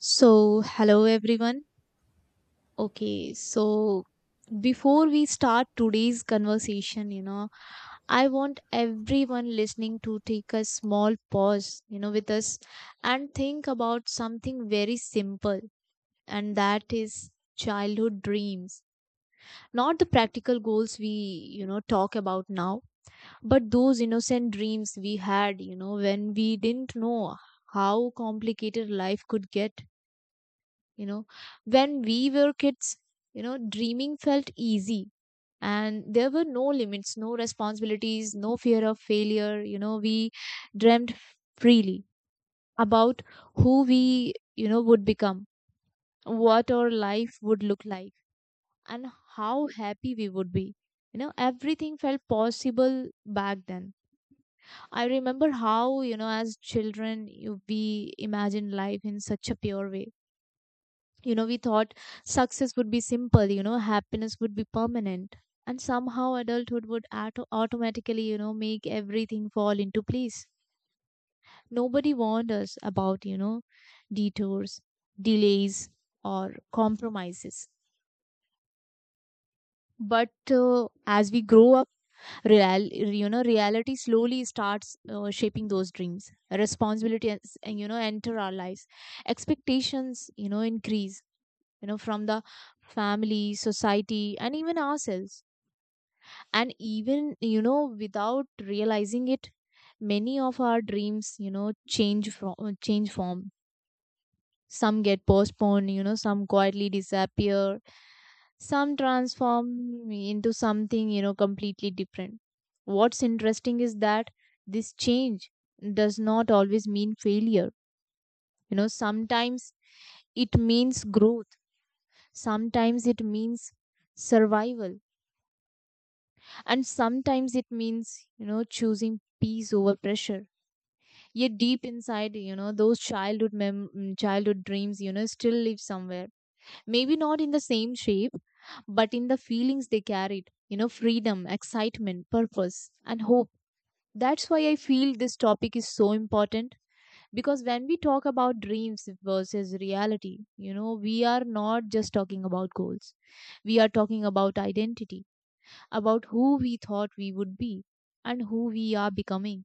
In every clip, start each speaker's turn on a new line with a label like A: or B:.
A: So, hello everyone. Okay, so before we start today's conversation, I want everyone listening to take a small pause, with us and think about something very simple, and that is childhood dreams. Not the practical goals we talk about now, but those innocent dreams we had, when we didn't know how complicated life could get you know when we were kids. Dreaming felt easy, and there were no limits, no responsibilities, no fear of failure. We dreamt freely about who we would become, what our life would look like, and how happy we would be. Everything felt possible back then. I remember how, as children, we imagined life in such a pure way. We thought success would be simple, happiness would be permanent. And somehow adulthood would automatically, make everything fall into place. Nobody warned us about, detours, delays, or compromises. But as we grow up, reality slowly starts shaping those dreams. Responsibilities, enter our lives. Expectations, increase, from the family, society, and even ourselves. And even, without realizing it, many of our dreams, you know, change form. Some get postponed, some quietly disappear, some transform into something completely different. What's interesting is that this change does not always mean failure. Sometimes it means growth. Sometimes it means survival, and sometimes it means, choosing peace over pressure. Yet deep inside, those childhood dreams, still live somewhere. Maybe not in the same shape, but in the feelings they carried, freedom, excitement, purpose, and hope. That's why I feel this topic is so important, because when we talk about dreams versus reality, we are not just talking about goals, we are talking about identity, about who we thought we would be and who we are becoming.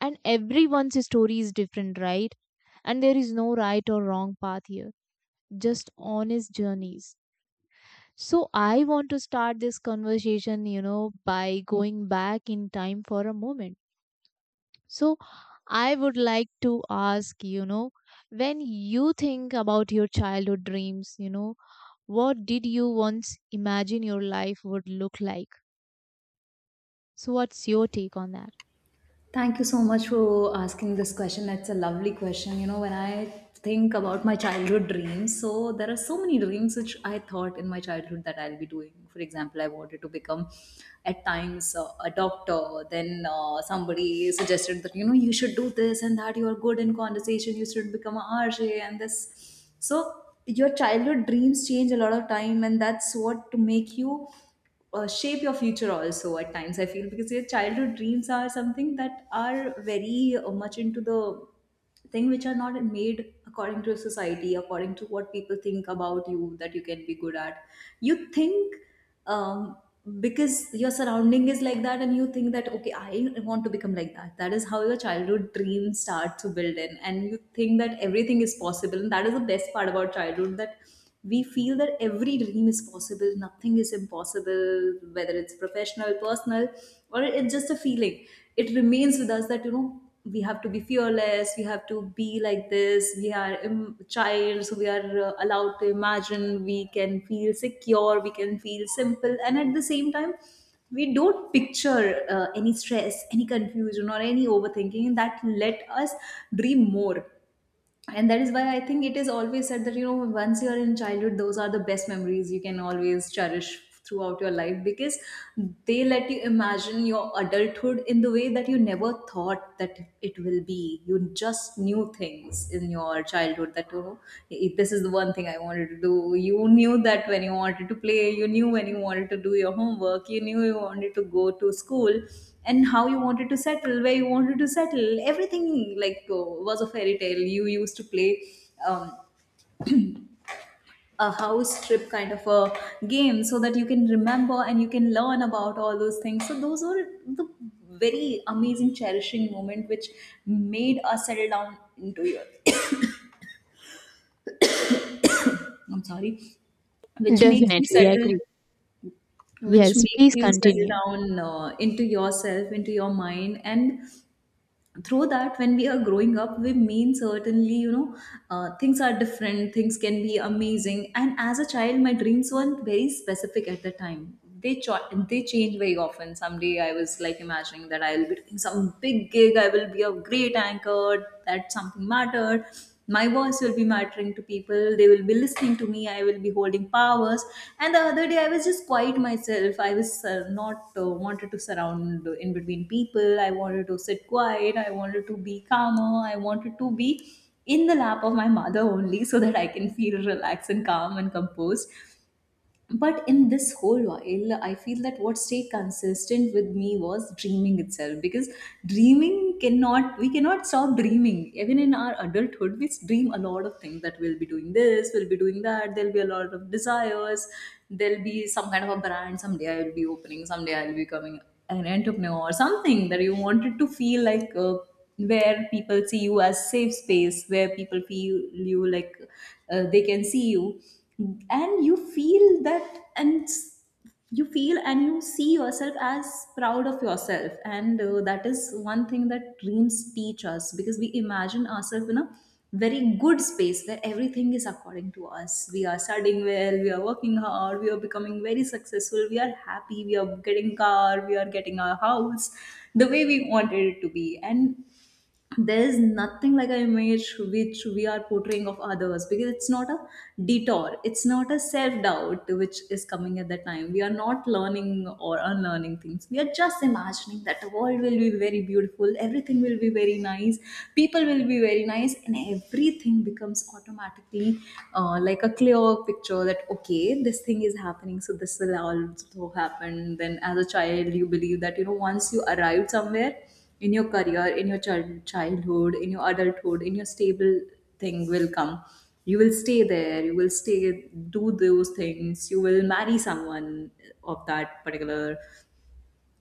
A: And everyone's story is different, right? And there is no right or wrong path here, just honest journeys. So, I want to start this conversation, by going back in time for a moment. So, I would like to ask, when you think about your childhood dreams, what did you once imagine your life would look like? So, what's your take on that?
B: Thank you so much for asking this question. That's a lovely question. You know, when I think about my childhood dreams, so there are so many dreams which I thought in my childhood that I'll be doing. For example, I wanted to become at times a doctor. Then somebody suggested that, you know, you should do this and that. You are good in conversation. You should become a RJ and this. So your childhood dreams change a lot of time, and that's what to make you shape your future also at times I feel, because your childhood dreams are something that are very much into the thing which are not made according to society, according to what people think about you that you can be good at. You think um, because your surrounding is like that, and you think that, okay, I want to become like that. That is how your childhood dreams start to build in, and you think that everything is possible, and that is the best part about childhood, that we feel that every dream is possible, nothing is impossible, whether it's professional, personal, or it's just a feeling. It remains with us that, you know, we have to be fearless, we have to be like this. We are child, so we are allowed to imagine. We can feel secure, we can feel simple, and at the same time we don't picture any stress, any confusion, or any overthinking, that let us dream more. And that is why I think it is always said that, you know, once you're in childhood, those are the best memories you can always cherish throughout your life, because they let you imagine your adulthood in the way that you never thought that it will be. You just knew things in your childhood that, you know, "Hey, this is the one thing I wanted to do. You knew that when you wanted to play, you knew when you wanted to do your homework, you knew you wanted to go to school, and how you wanted to settle, where you wanted to settle. Everything like was a fairy tale. You used to play um, a house trip kind of a game so that you can remember and you can learn about all those things. So those were the very amazing, cherishing moment which made us settle down into your. I'm sorry, which makes you
A: Definitely
B: settle,
A: agree.
B: which
A: Yes,
B: makes
A: please
B: you settle
A: continue.
B: down into yourself, into your mind, and through that, when we are growing up, we mean certainly, you know, things are different, things can be amazing. And as a child, my dreams weren't very specific at the time. They they change very often. Someday I was like imagining that I'll be doing some big gig, I will be a great anchor, that something mattered, my voice will be mattering to people, they will be listening to me, I will be holding powers. And the other day I was just quiet myself. I was not wanted to surround in between people. I wanted to sit quiet, I wanted to be calmer, I wanted to be in the lap of my mother only, so that I can feel relaxed and calm and composed. But in this whole while, I feel that what stayed consistent with me was dreaming itself, because dreaming cannot we cannot stop dreaming. Even in our adulthood, we dream a lot of things, that we'll be doing this, we'll be doing that, there'll be a lot of desires, there'll be some kind of a brand someday, I'll be opening, someday I'll be becoming an entrepreneur or something, that you wanted to feel like, where people see you as safe space, where people feel you like, they can see you. And you feel that, and you feel and you see yourself as proud of yourself. And that is one thing that dreams teach us, because we imagine ourselves in a very good space where everything is according to us. We are studying well, we are working hard, we are becoming very successful, we are happy, we are getting car, we are getting our house the way we wanted it to be. And there is nothing like an image which we are portraying of others, because it's not a detour, it's not a self-doubt which is coming at that time. We are not learning or unlearning things, we are just imagining that the world will be very beautiful, everything will be very nice, people will be very nice, and everything becomes automatically like a clear picture, that okay, this thing is happening, so this will also happen. Then as a child you believe that, you know, once you arrive somewhere in your career, in your childhood, in your adulthood, in your stable thing will come, you will stay there, you will stay, do those things, you will marry someone of that particular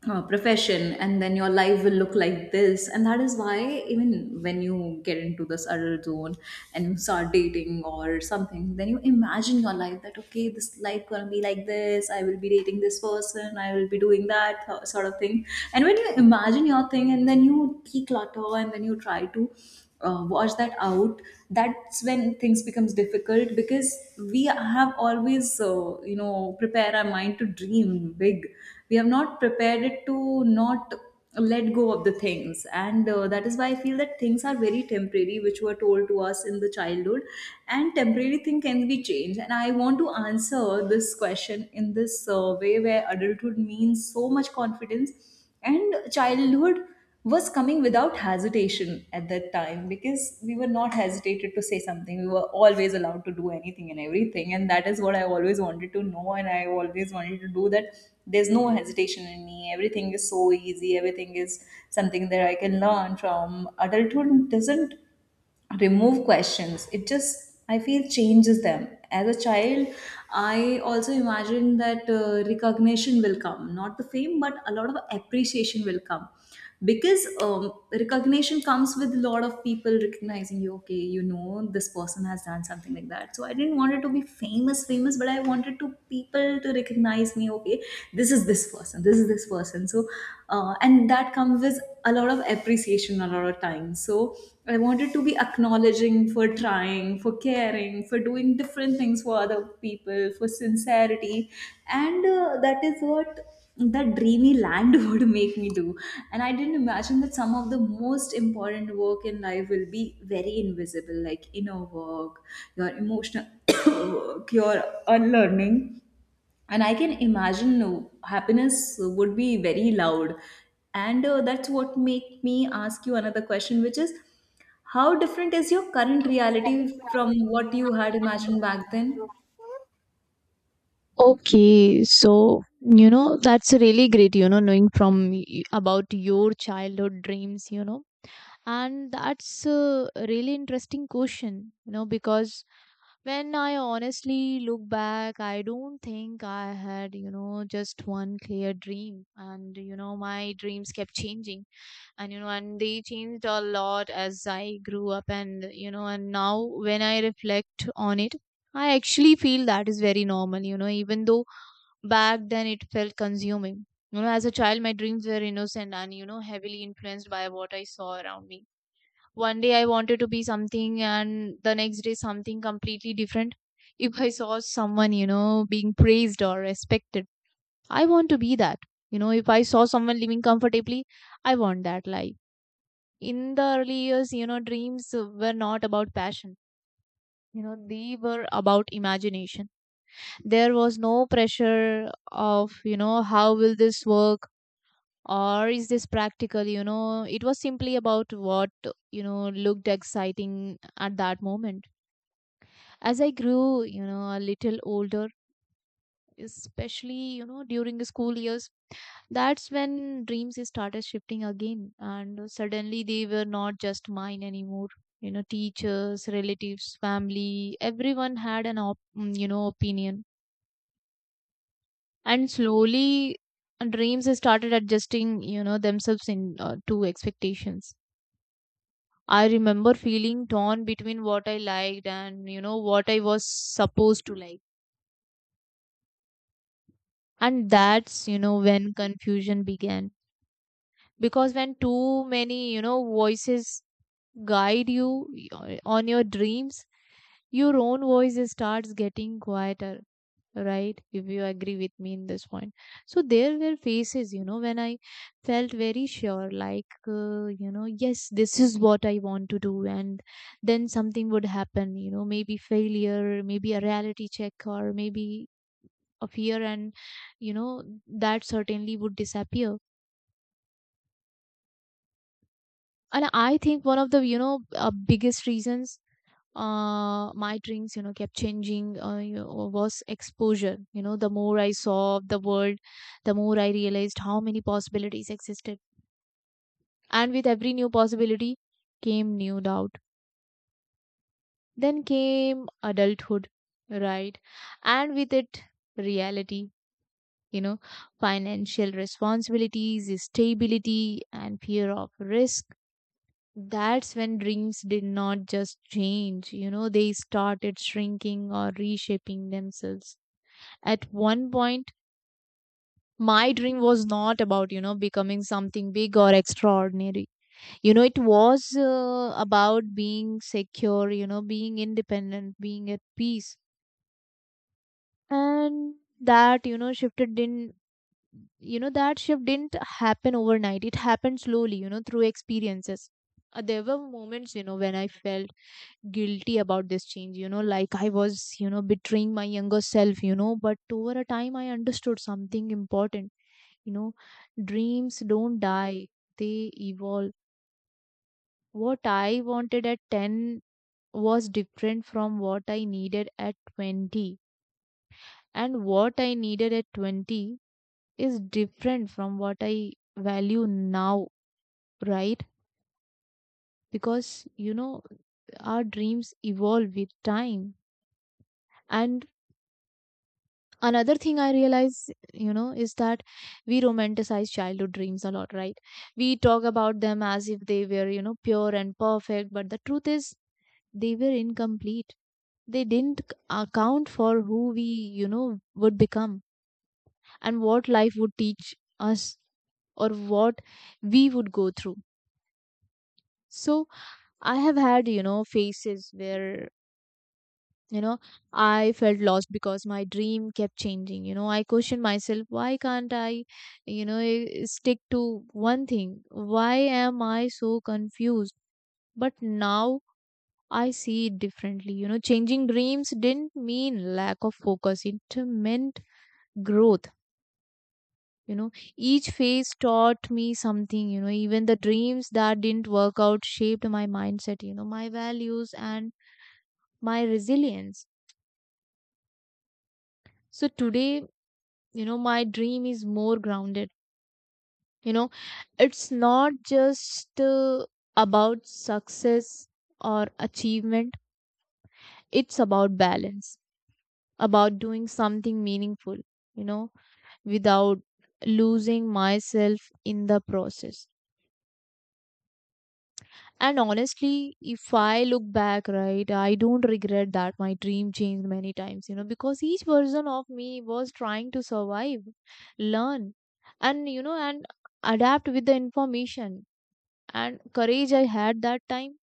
B: profession, and then your life will look like this. And that is why, even when you get into this adult zone and you start dating or something, then you imagine your life that, okay, this life gonna be like this, I will be dating this person, I will be doing that sort of thing. And when you imagine your thing and then you declutter and then you try to wash that out, that's when things becomes difficult, because we have always you know prepare our mind to dream big. We have not prepared it to not let go of the things. And that is why I feel that things are very temporary, which were told to us in the childhood. And temporary thing can be changed. And I want to answer this question in this way, where adulthood means so much confidence, and childhood was coming without hesitation at that time, because we were not hesitated to say something. We were always allowed to do anything and everything. And that is what I always wanted to know. And I always wanted to do that. There's no hesitation in me. Everything is so easy. Everything is something that I can learn from. Adulthood doesn't remove questions, it just, I feel, changes them. As a child, I also imagined that recognition will come, not the fame, but a lot of appreciation will come, because recognition comes with a lot of people recognizing you, okay, you know, this person has done something like that. So I didn't want it to be famous famous, but I wanted to people to recognize me, okay, this is this person, this is this person. So and that comes with a lot of appreciation a lot of times. So I wanted to be acknowledging, for trying, for caring, for doing different things for other people, for sincerity. And that is what that dreamy land would make me do. And I didn't imagine that some of the most important work in life will be very invisible, like inner work, your emotional work, your unlearning. And I can imagine happiness would be very loud. And that's what make me ask you another question, which is, how different is your current reality from what you had imagined back then?
A: Okay, so, that's really great. Knowing about your childhood dreams. And that's a really interesting question. Because when I honestly look back, I don't think I had, just one clear dream, and my dreams kept changing. And and they changed a lot as I grew up, and and now when I reflect on it, I actually feel that is very normal, even though back then it felt consuming. As a child, my dreams were innocent and, heavily influenced by what I saw around me. One day I wanted to be something, and the next day something completely different. If I saw someone, being praised or respected, I want to be that. If I saw someone living comfortably, I want that life. In the early years, dreams were not about passion. They were about imagination. There was no pressure of, how will this work or is this practical? It was simply about what, looked exciting at that moment. As I grew, a little older, especially, during the school years, that's when dreams started shifting again, and suddenly they were not just mine anymore. Teachers, relatives, family, everyone had an opinion, and slowly dreams started adjusting, themselves in to expectations. I remember feeling torn between what I liked and, what I was supposed to like, and that's, when confusion began, because when too many, voices guide you on your dreams, your own voice starts getting quieter, right? If you agree with me in this point. So there were phases, when I felt very sure, like, yes, this is what I want to do. And then something would happen, maybe failure, maybe a reality check, or maybe a fear, and, that certainly would disappear. And I think one of the, biggest reasons my dreams, you know, kept changing, was exposure. The more I saw of the world, the more I realized how many possibilities existed, and with every new possibility came new doubt. Then came adulthood, right? And with it, reality. you know Financial responsibilities, stability, and fear of risk. That's when dreams did not just change, they started shrinking or reshaping themselves. At one point, my dream was not about, becoming something big or extraordinary. It was about being secure, being independent, being at peace. And that you know shifted in you know that shift didn't happen overnight, it happened slowly, through experiences. There were moments, when I felt guilty about this change, like I was, betraying my younger self. But over a time I understood something important. you know Dreams don't die, they evolve. What I wanted at 10 was different from what I needed at 20, and what I needed at 20 is different from what I value now, right? Because, our dreams evolve with time. And another thing I realize, is that we romanticize childhood dreams a lot, right? We talk about them as if they were, pure and perfect, but the truth is they were incomplete. They didn't account for who we, would become and what life would teach us, or what we would go through. So I have had, phases where, you know, I felt lost because my dream kept changing. You know, I questioned myself, why can't I, stick to one thing? Why am I so confused? But now I see it differently. You know, changing dreams didn't mean lack of focus, it meant growth. You know, each phase taught me something. You know, even the dreams that didn't work out shaped my mindset, my values and my resilience. So today, my dream is more grounded. You know, it's not just about success or achievement, it's about balance, about doing something meaningful, you know without losing myself in the process. And honestly, if I look back, right, I don't regret that my dream changed many times, because each version of me was trying to survive, learn, and, adapt with the information and courage I had that time.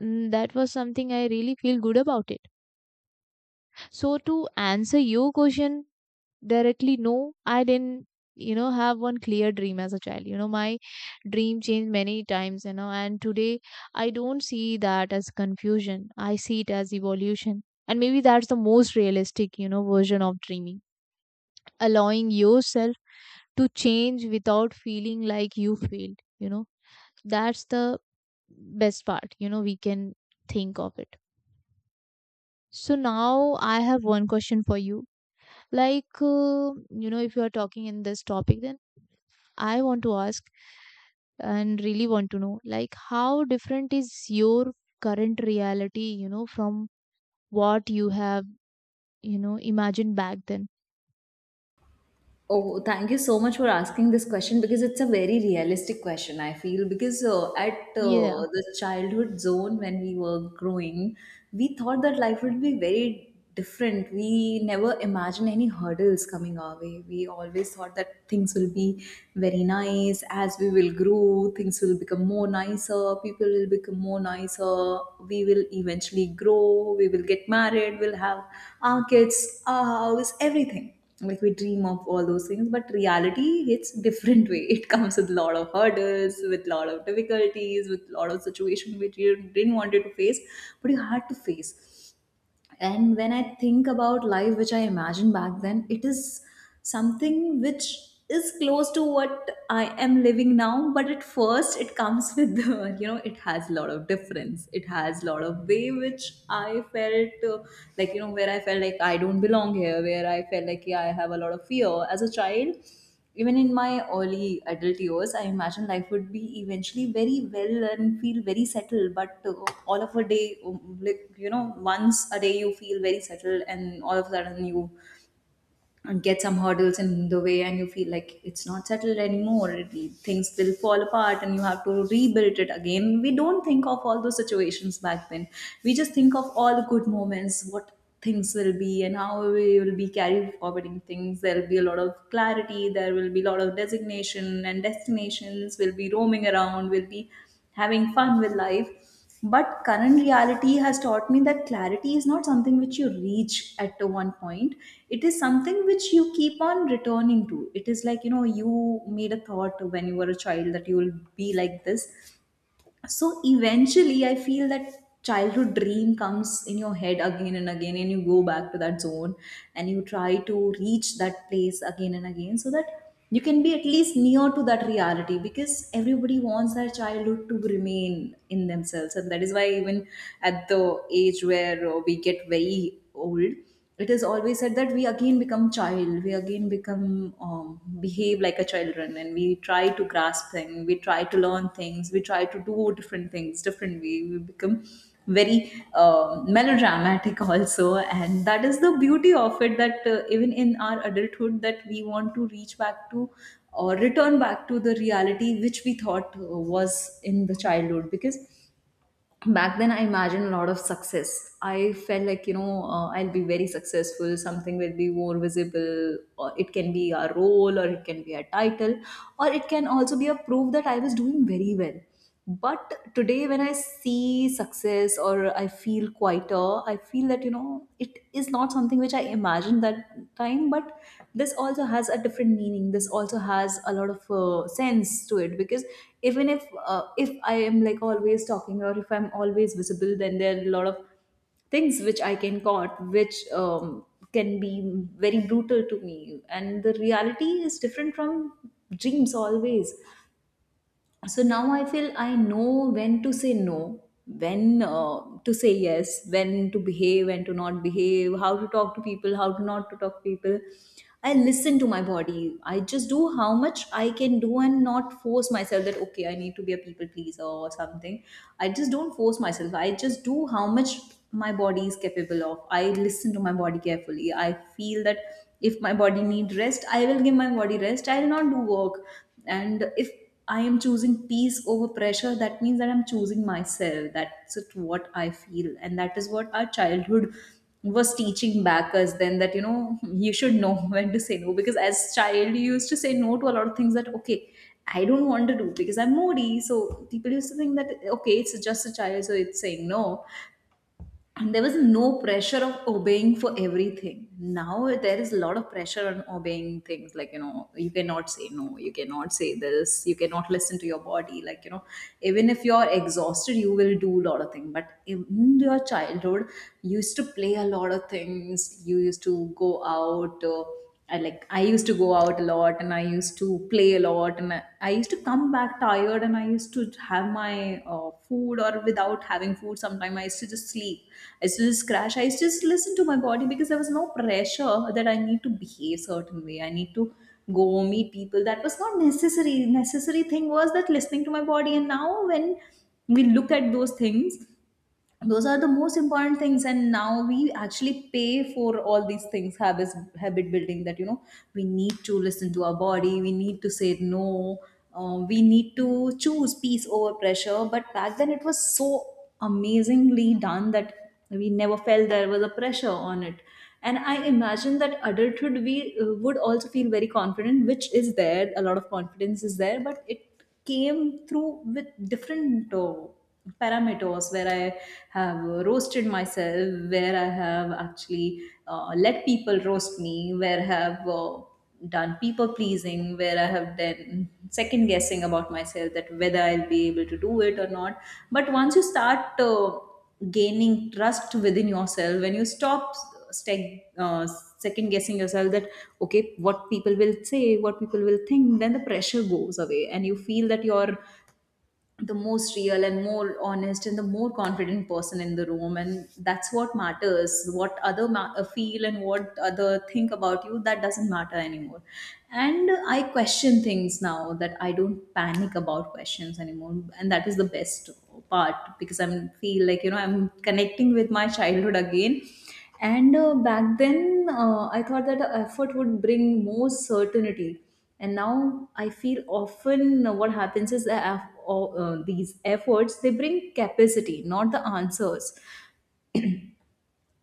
A: That was something I really feel good about it. So, to answer your question, directly, no, I didn't, have one clear dream as a child. My dream changed many times, and today I don't see that as confusion, I see it as evolution. And maybe that's the most realistic, version of dreaming, allowing yourself to change without feeling like you failed. That's the best part, we can think of it. So now I have one question for you, like, if you are talking in this topic, then I want to ask and really want to know, like, how different is your current reality, from what you have, imagined back then?
B: Oh, thank you so much for asking this question, because it's a very realistic question, I feel. Because at
A: Yeah.
B: the childhood zone when we were growing, we thought that life would be very different. We never imagined any hurdles coming our way. We always thought that things will be very nice. As we will grow, things will become more nicer, people will become more nicer, we will eventually grow, we will get married, we'll have our kids, our house, everything like we dream of all those things. But reality hits different way, it comes with a lot of hurdles, with a lot of difficulties, with a lot of situation which you didn't want it to face, but you had to face. And when I think about life which I imagined back then, it is something which is close to what I am living now. But at first it comes with the, you know, it has a lot of difference, it has a lot of way which I felt like, you know, where I felt like I don't belong here, where I felt like, yeah, I have a lot of fear as a child. Even in my early adult years, I imagine life would be eventually very well and feel very settled. But All of a day, like you know, once a day you feel very settled, and all of a sudden you and get some hurdles in the way and you feel like it's not settled anymore, it, things will fall apart and you have to rebuild it again. We don't think of all those situations back then. We just think of all the good moments, what things will be and how we will be carried forward in things. There will be a lot of clarity, there will be a lot of designation and destinations, we'll be roaming around, we'll be having fun with life. But current reality has taught me that clarity is not something which you reach at the one point. It is something which you keep on returning to. It is like, you know, you made a thought when you were a child that you will be like this. So eventually I feel that childhood dream comes in your head again and again and you go back to that zone and you try to reach that place again and again, so that you can be at least near to that reality, because everybody wants their childhood to remain in themselves. And that is why even at the age where we get very old, it is always said that we again become child, we again become behave like a children, and we try to grasp things, we try to learn things, we try to do different things different way. We become very melodramatic also, and that is the beauty of it, that even in our adulthood that we want to reach back to or return back to the reality which we thought was in the childhood. Because back then I imagined a lot of success. I felt like, you know, I'll be very successful, something will be more visible, or it can be a role or it can be a title, or it can also be a proof that I was doing very well. But today when I see success or I feel quieter, I feel that, you know, it is not something which I imagined, imagine that time. But this also has a different meaning, this also has a lot of sense to it. Because even if I am like always talking, or if I'm always visible, then there are a lot of things which I can caught, which can be very brutal to me. And the reality is different from dreams always. So now I feel I know when to say no, when to say yes, when to behave, when to not behave, how to talk to people, how to not to talk to people. I listen to my body, I just do how much I can do and not force myself, that okay, I need to be a people pleaser or something. I just don't force myself, I just do how much my body is capable of. I listen to my body carefully. I feel that if my body need rest, I will give my body rest, I will not do work. And if I am choosing peace over pressure, that means that I'm choosing myself. That's it, what I feel. And that is what our childhood was teaching back us then, that, you know, you should know when to say no. Because as child, you used to say no to a lot of things, that okay, I don't want to do because I'm moody. So people used to think that okay, it's just a child, so it's saying no. And there was no pressure of obeying for everything. Now there is a lot of pressure on obeying things, like you know, you cannot say no, you cannot say this, you cannot listen to your body, like you know, even if you're exhausted you will do a lot of things. But in your childhood you used to play a lot of things, you used to go out, I like I used to go out a lot, and I used to play a lot, and I used to come back tired, and I used to have my food, or without having food sometimes I used to just sleep, I used to just crash, I used to just listen to my body, because there was no pressure that I need to behave certain way, I need to go meet people. That was not necessary. Necessary thing was that listening to my body. And now when we look at those things, those are the most important things, and now we actually pay for all these things, habits, habit building, that you know, we need to listen to our body, we need to say no, we need to choose peace over pressure. But back then it was so amazingly done that we never felt there was a pressure on it. And I imagine that adulthood we would also feel very confident, which is there, a lot of confidence is there, but it came through with different parameters, where I have roasted myself, where I have actually let people roast me, where I have done people pleasing, where I have then second guessing about myself, that whether I'll be able to do it or not. But once you start gaining trust within yourself, when you stop steg, uh, second guessing yourself, that okay, what people will say, what people will think, then the pressure goes away, and you feel that you're the most real and more honest and the more confident person in the room. And that's what matters, what other feel and what other think about you, that doesn't matter anymore. And I question things now, that I don't panic about questions anymore, and that is the best part, because I'm feel like, you know, I'm connecting with my childhood again. And back then, I thought that the effort would bring more certainty. And now I feel often what happens is that these efforts they bring capacity, not the answers.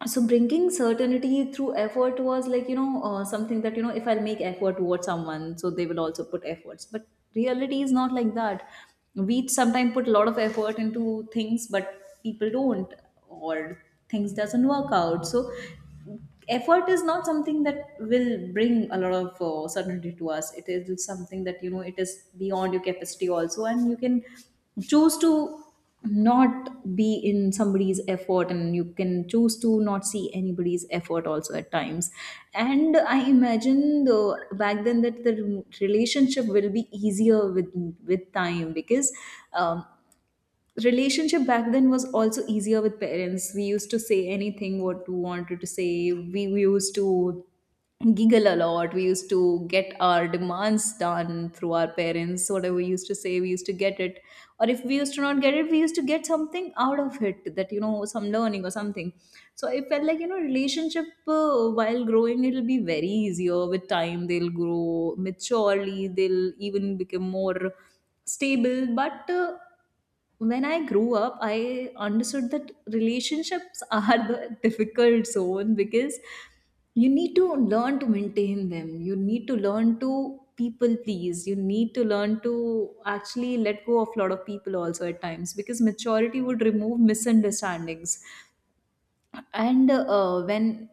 B: So bringing certainty through effort was like, you know, something that you know, if I'll make effort towards someone, so they will also put efforts. But reality is not like that. We sometimes put a lot of effort into things, but people don't, or things doesn't work out. So effort is not something that will bring a lot of certainty to us. It is something that you know, it is beyond your capacity also, and you can choose to not be in somebody's effort, and you can choose to not see anybody's effort also at times. And I imagine though back then that the relationship will be easier with time, because um, relationship back then was also easier with parents. We used to say anything what we wanted to say, we used to giggle a lot, we used to get our demands done through our parents, whatever we used to say we used to get it, or if we used to not get it, we used to get something out of it, that you know, some learning or something. So I felt like, you know, relationship while growing, it'll be very easier with time, they'll grow maturely, they'll even become more stable. But when I grew up, I understood that relationships are the difficult zone, because you need to learn to maintain them. You need to learn to people please. You need to learn to actually let go of a lot of people also at times, because maturity would remove misunderstandings. And when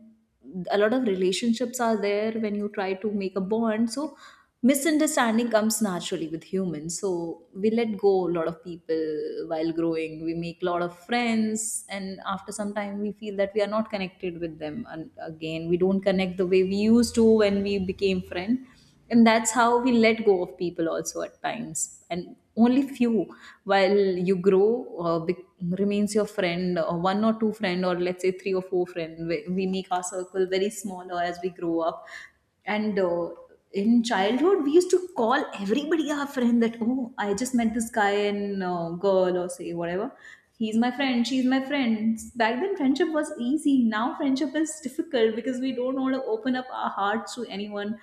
B: a lot of relationships are there, when you try to make a bond, so misunderstanding comes naturally with humans, so we let go a lot of people. While growing we make a lot of friends, and after some time we feel that we are not connected with them, and again we don't connect the way we used to when we became friends. And that's how we let go of people also at times, and only few while you grow uh, be- remains your friend, one or two friend, or let's say three or four friend. We make our circle very smaller as we grow up. And in childhood we used to call everybody our friend, that oh, I just met this guy and girl, or say whatever, he's my friend, she's my friend. Back then friendship was easy, now friendship is difficult, because we don't want to open up our hearts to anyone,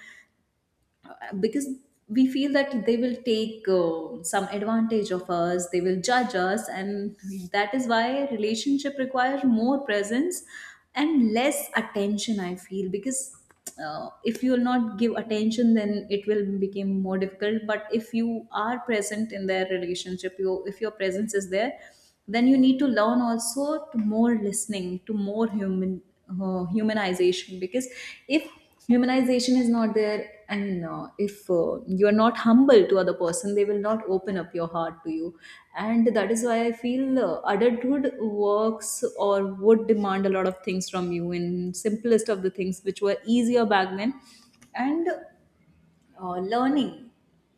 B: because we feel that they will take some advantage of us, they will judge us. And that is why relationship requires more presence and less attention, I feel. Because if you will not give attention, then it will become more difficult. But if you are present in their relationship, you, if your presence is there, then you need to learn also to more listening, to more human humanization. Because if humanization is not there, and if you are not humble to other person, they will not open up your heart to you. And that is why I feel Adulthood works or would demand a lot of things from you in simplest of the things which were easier back then. And learning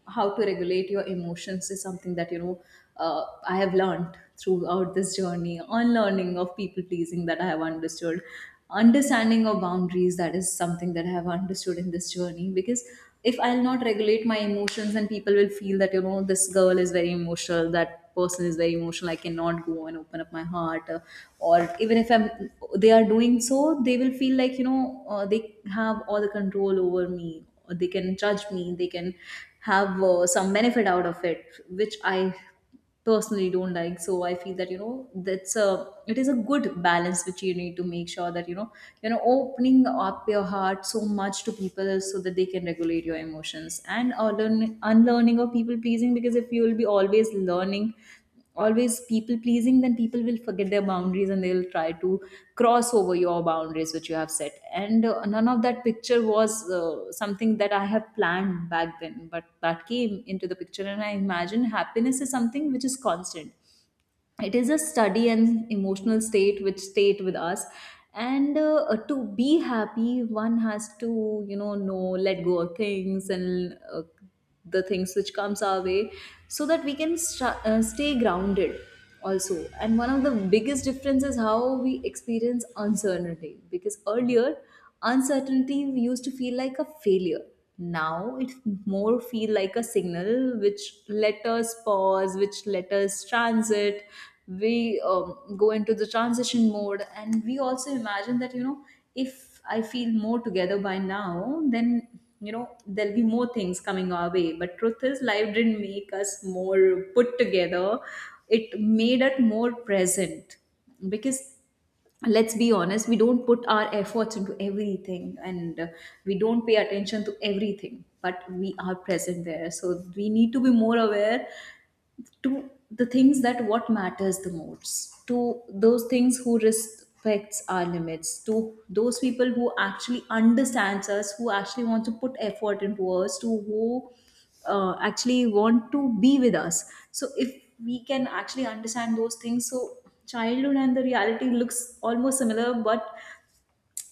B: how to regulate your emotions is something that I have learned throughout this journey. Unlearning of people pleasing that I have understood, understanding of boundaries that is something that I have understood in this journey. Because if I'll not regulate my emotions, then people will feel that you know this girl is very emotional, that person is very emotional. I cannot go and open up my heart, or even if I'm they are doing so, they will feel like they have all the control over me, or they can judge me, they can have some benefit out of it, which I personally don't like. So I feel that that's a it is a good balance which you need to make sure that opening up your heart so much to people so that they can regulate your emotions, and unlearning of people pleasing, because if you will be always learning, always people pleasing, then people will forget their boundaries and they'll try to cross over your boundaries which you have set. And none of that picture was something that I have planned back then, but that came into the picture. And I imagine happiness is something which is constant, it is a study and emotional state which stayed with us. And to be happy, one has to know, let go of things and the things which comes our way, so that we can stay grounded also. And one of the biggest difference is how we experience uncertainty, because earlier uncertainty used to feel like a failure. Now it more feel like a signal which let us pause, which let us transit, we go into the transition mode. And we also imagine that you know, if I feel more together by now, then you know there'll be more things coming our way. But truth is, life didn't make us more put together, it made us more present. Because let's be honest, we don't put our efforts into everything, and we don't pay attention to everything, but we are present there. So we need to be more aware to the things that what matters the most, to those things who respects our limits, to those people who actually understands us, who actually want to put effort into us, to who actually want to be with us. So if we can actually understand those things, so childhood and the reality looks almost similar, but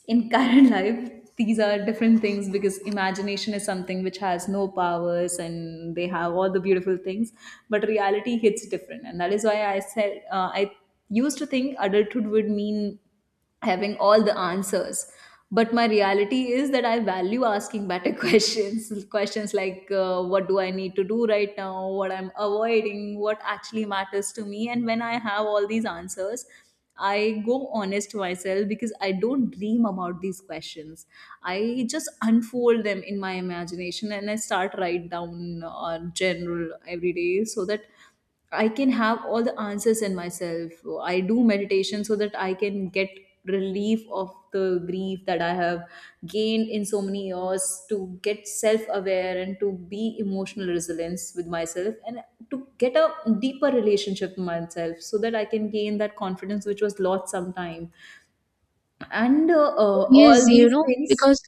B: in current life these are different things, because imagination is something which has no powers and they have all the beautiful things. But reality hits different, and that is why I said, I used to think adulthood would mean having all the answers, but my reality is that I value asking better questions. Questions like what do I need to do right now, what I'm avoiding, what actually matters to me. And when I have all these answers, I go honest to myself, because I don't dream about these questions. I just unfold them in my imagination, and I start write down general every day, so that I can have all the answers in myself. I do meditation so that I can get relief of the grief that I have gained in so many years, to get self aware and to be emotional resilience with myself, and to get a deeper relationship with myself so that I can gain that confidence which was lost sometime. And all
A: Yes,
B: these things.
A: because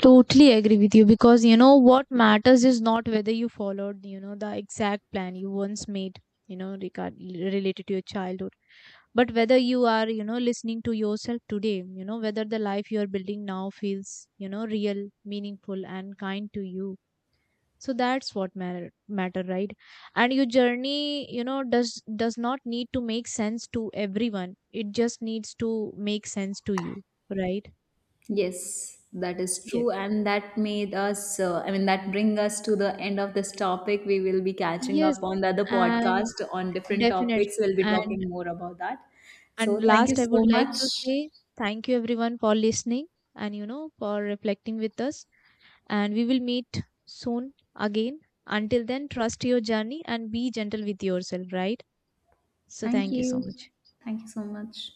A: totally agree with you, because what matters is not whether you followed, the exact plan you once made, regard related to your childhood. But whether you are, listening to yourself today, whether the life you are building now feels, real, meaningful, and kind to you. So that's what matter matter right? And your journey, does not need to make sense to everyone, it just needs to make sense to you, right?
B: Yes, that is
A: Yes.
B: true, and that made us. I mean, that bring us to the end of this topic. We will be catching up
A: Yes.
B: on the other
A: And
B: podcast on different topics.
A: definitely,
B: We'll be talking more about that.
A: and
B: So, thank you
A: last I would
B: so
A: like
B: much.
A: to say thank you everyone for listening and, for reflecting with us, and we will meet soon again. Until then, trust your journey and be gentle with yourself, right? So
B: Thank
A: thank you so
B: you.
A: much.
B: Thank you so much.